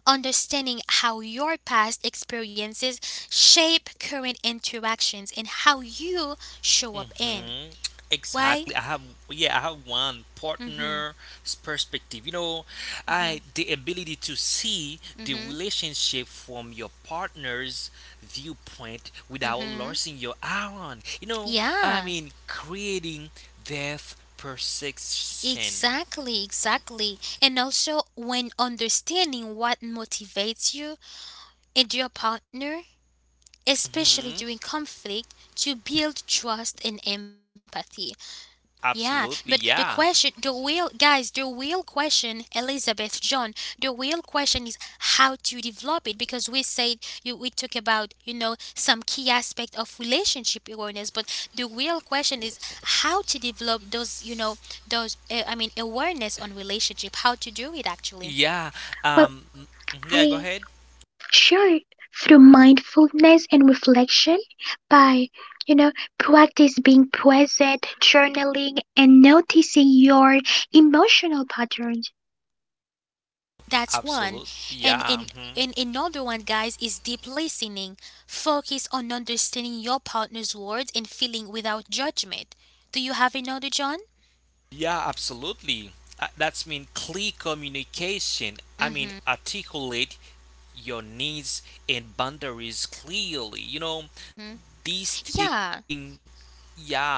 understanding how your past experiences shape current interactions and how you show up in. Mm-hmm. Why? Exactly. I have yeah, I have one Mhm. partner's perspective. You know, I Mhm. the ability to see the Mhm. relationship from your partner's viewpoint without Mhm. losing your own. You know, I Yeah, mean creating depth perception. exactly, exactly. And also, when understanding what motivates you and your partner, especially during Mm-hmm. conflict, to build trust and empathy. Yeah, but the Absolutely, question, yeah. the real, guys, the real question, Elizabeth, John, the real question is how to develop it, because we said, you, we talk about, you know, some key aspect of relationship awareness, but the real question is how to develop those, you know, those, I mean, awareness on relationship, how to do it actually. Yeah. Well, Mhm, yeah, go I ahead. Sure, through mindfulness and reflection by, you know, practice being present, journaling, and noticing your emotional patterns, That's one. Absolutely. And Yeah. Mm-hmm. Another one, guys, is deep listening. Focus on understanding your partner's words and feeling without judgment. Do you have another, John? Yeah, absolutely. That's mean clear communication. I mean Mm-hmm. articulate your needs and boundaries clearly. You know, these thing, Yeah. yeah,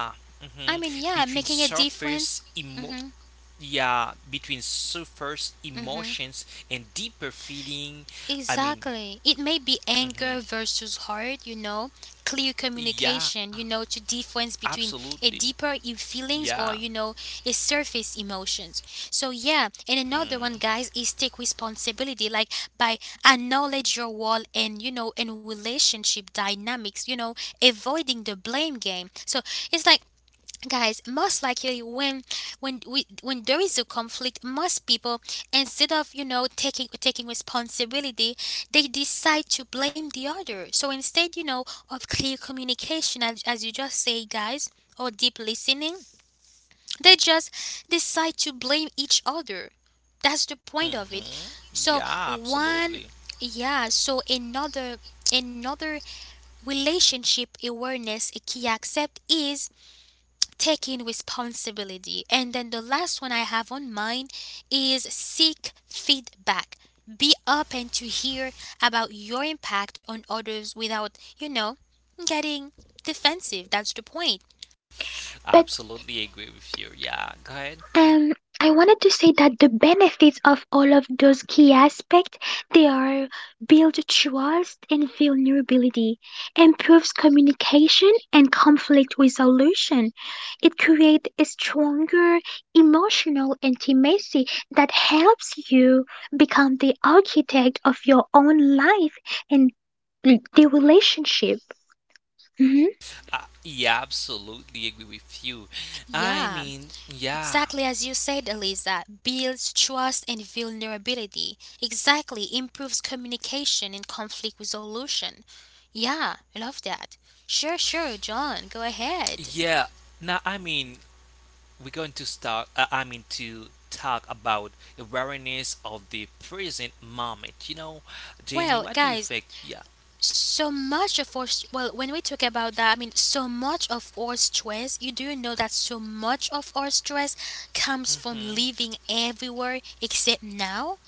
I hmm, mean, yeah, between making a surface difference. emo, Mm-hmm. yeah, between surface Mm-hmm. emotions and deeper feeling. I mean, Exactly. It may be anger hmm, versus heart, you know, clear yeah, communication, you know, to difference between a absolutely, deeper feelings yeah, or, you know, a surface emotions. So yeah, and another one, guys, is take responsibility, like by acknowledge your wall and, you know, and relationship dynamics, you know, avoiding the blame game. So it's like, guys, most likely when we when there is a conflict, most people, instead of, you know, taking responsibility, they decide to blame the other. So instead, you know, of clear communication, as you just say, guys, or deep listening, they just decide to blame each other. That's the point of hmm, it. So yeah, absolutely, one, yeah, so another relationship awareness a key accept is taking responsibility. And then the last one I have on mine is seek feedback. Be open to hear about your impact on others without, you know, getting defensive. That's the point. but absolutely agree with you. Yeah, go ahead. Um, I wanted to say that the benefits of all of those key aspects, they are build trust and vulnerability, improves communication and conflict resolution. It creates a stronger emotional intimacy that helps you become the architect of your own life and the relationship. Mhm. Yeah, absolutely agree with you. I Yeah, mean, yeah, exactly as you said, Eliza. Builds trust and vulnerability. Exactly. Improves communication and conflict resolution. Yeah, I love that. Sure, sure, John, go ahead. yeah. Now, I mean, we're going to start. I mean, to talk about awareness of the present moment. You know, Jamie, Well, what do you guys, think? Yeah, so much of our st- well, when we talk about that, so much of our stress, you do know that so much of our stress comes from hmm, living everywhere except now.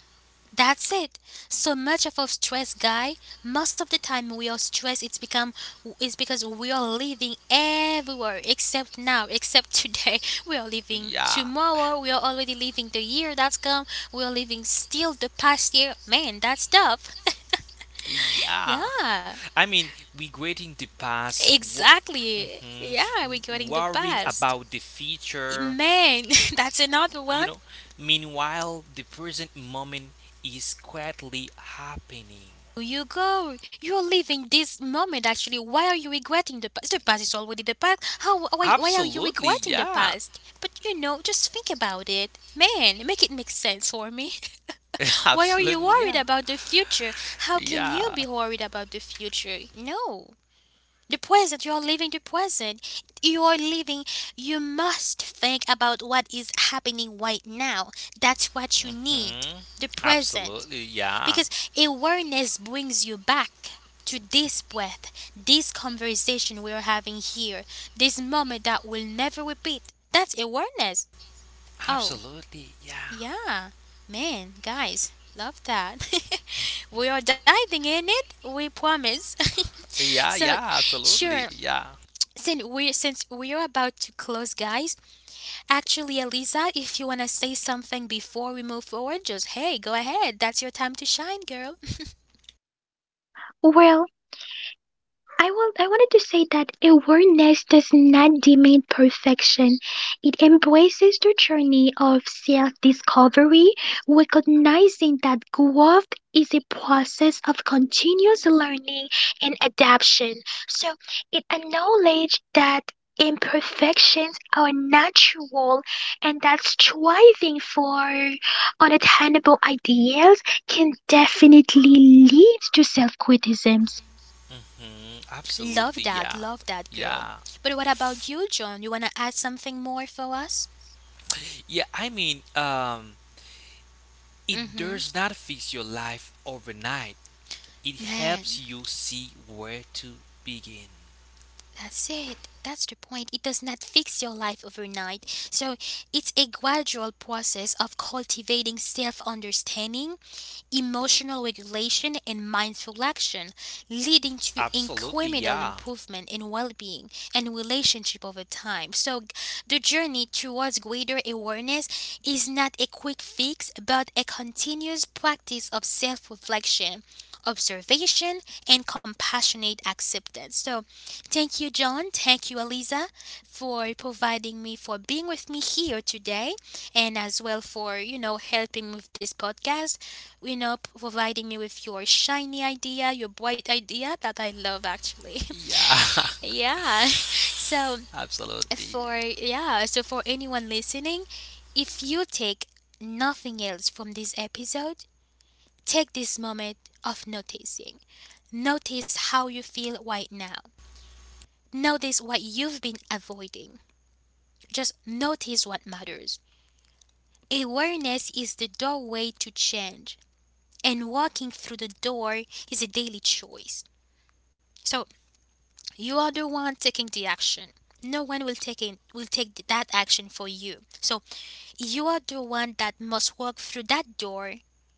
That's it. So much of our stress, guy, most of the time we are stressed, it's because we are living everywhere except now, except today. We are living yeah, tomorrow, we are already living the year that's come, we are living still the past year. Man, that's tough. yeah. Yeah, I mean, regretting the past, exactly. mhm, Yeah, regarding the worrying past. about the future, Man, that's another you one. know. Meanwhile, the present moment is quietly happening. You go. You're living this moment actually. Why are you regretting the past? The past is already the past. Why are you Absolutely, regretting the yeah. past? But you know, just think about it. Man, make it make sense for me. Why are you Absolutely, worried yeah. about the future? How can you Yeah. be worried about the future? No. The present, you are living the present. You are living, you must think about what is happening right now. That's what you need, Mhm. the present. Absolutely, yeah. Because awareness brings you back to this breath, this conversation we're having here, this moment that will never repeat. That's awareness. Oh, Absolutely, yeah. yeah. Man, guys, love that. We are diving in it, we promise. Yeah, So, yeah, absolutely, sure, yeah. since we are about to close, guys, actually, Eliza, if you wanna say something before we move forward, just hey, go ahead. That's your time to shine, girl. Well, I will. I wanted to say that awareness does not demand perfection. It embraces the journey of self-discovery, recognizing that growth is a process of continuous learning and adaptation. So it acknowledges that imperfections are natural and that striving for unattainable ideals can definitely lead to self-criticism. Hmm. Love Absolutely, that, yeah. love that, girl. Yeah. But what about you, John? You wanna add something more for us? Yeah, I mean, it Mm-hmm. does not fix your life overnight. It helps Man. you see where to begin. That's it. That's the point. It does not fix your life overnight. So it's a gradual process of cultivating self understanding, emotional regulation, and mindful action, leading to Absolutely, incremental yeah. improvement in well being and relationship over time. So the journey towards greater awareness is not a quick fix, but a continuous practice of self reflection, observation, and compassionate acceptance. So thank you, John. Thank you, Eliza, for providing me, for being with me here today, and as well for, you know, helping with this podcast, you know, providing me with your shiny idea, your bright idea that I love actually. Yeah. Yeah. So, Absolutely. for, yeah, so for anyone listening, if you take nothing else from this episode, take this moment of noticing. Notice how you feel right now. Notice what you've been avoiding. Just notice what matters. Awareness is the doorway to change, and walking through the door is a daily choice. So you are the one taking the action. No one will take it, will take that action for you. So you are the one that must walk through that door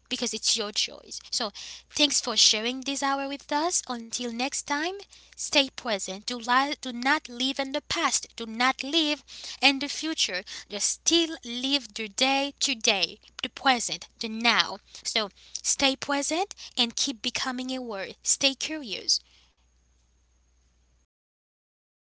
because it's your choice. So, thanks for sharing this hour with us. Until next time, stay present. Do not live in the past. Do not live in the future. Just still live the day today, the present, the now. So, stay present and keep becoming aware. Stay curious.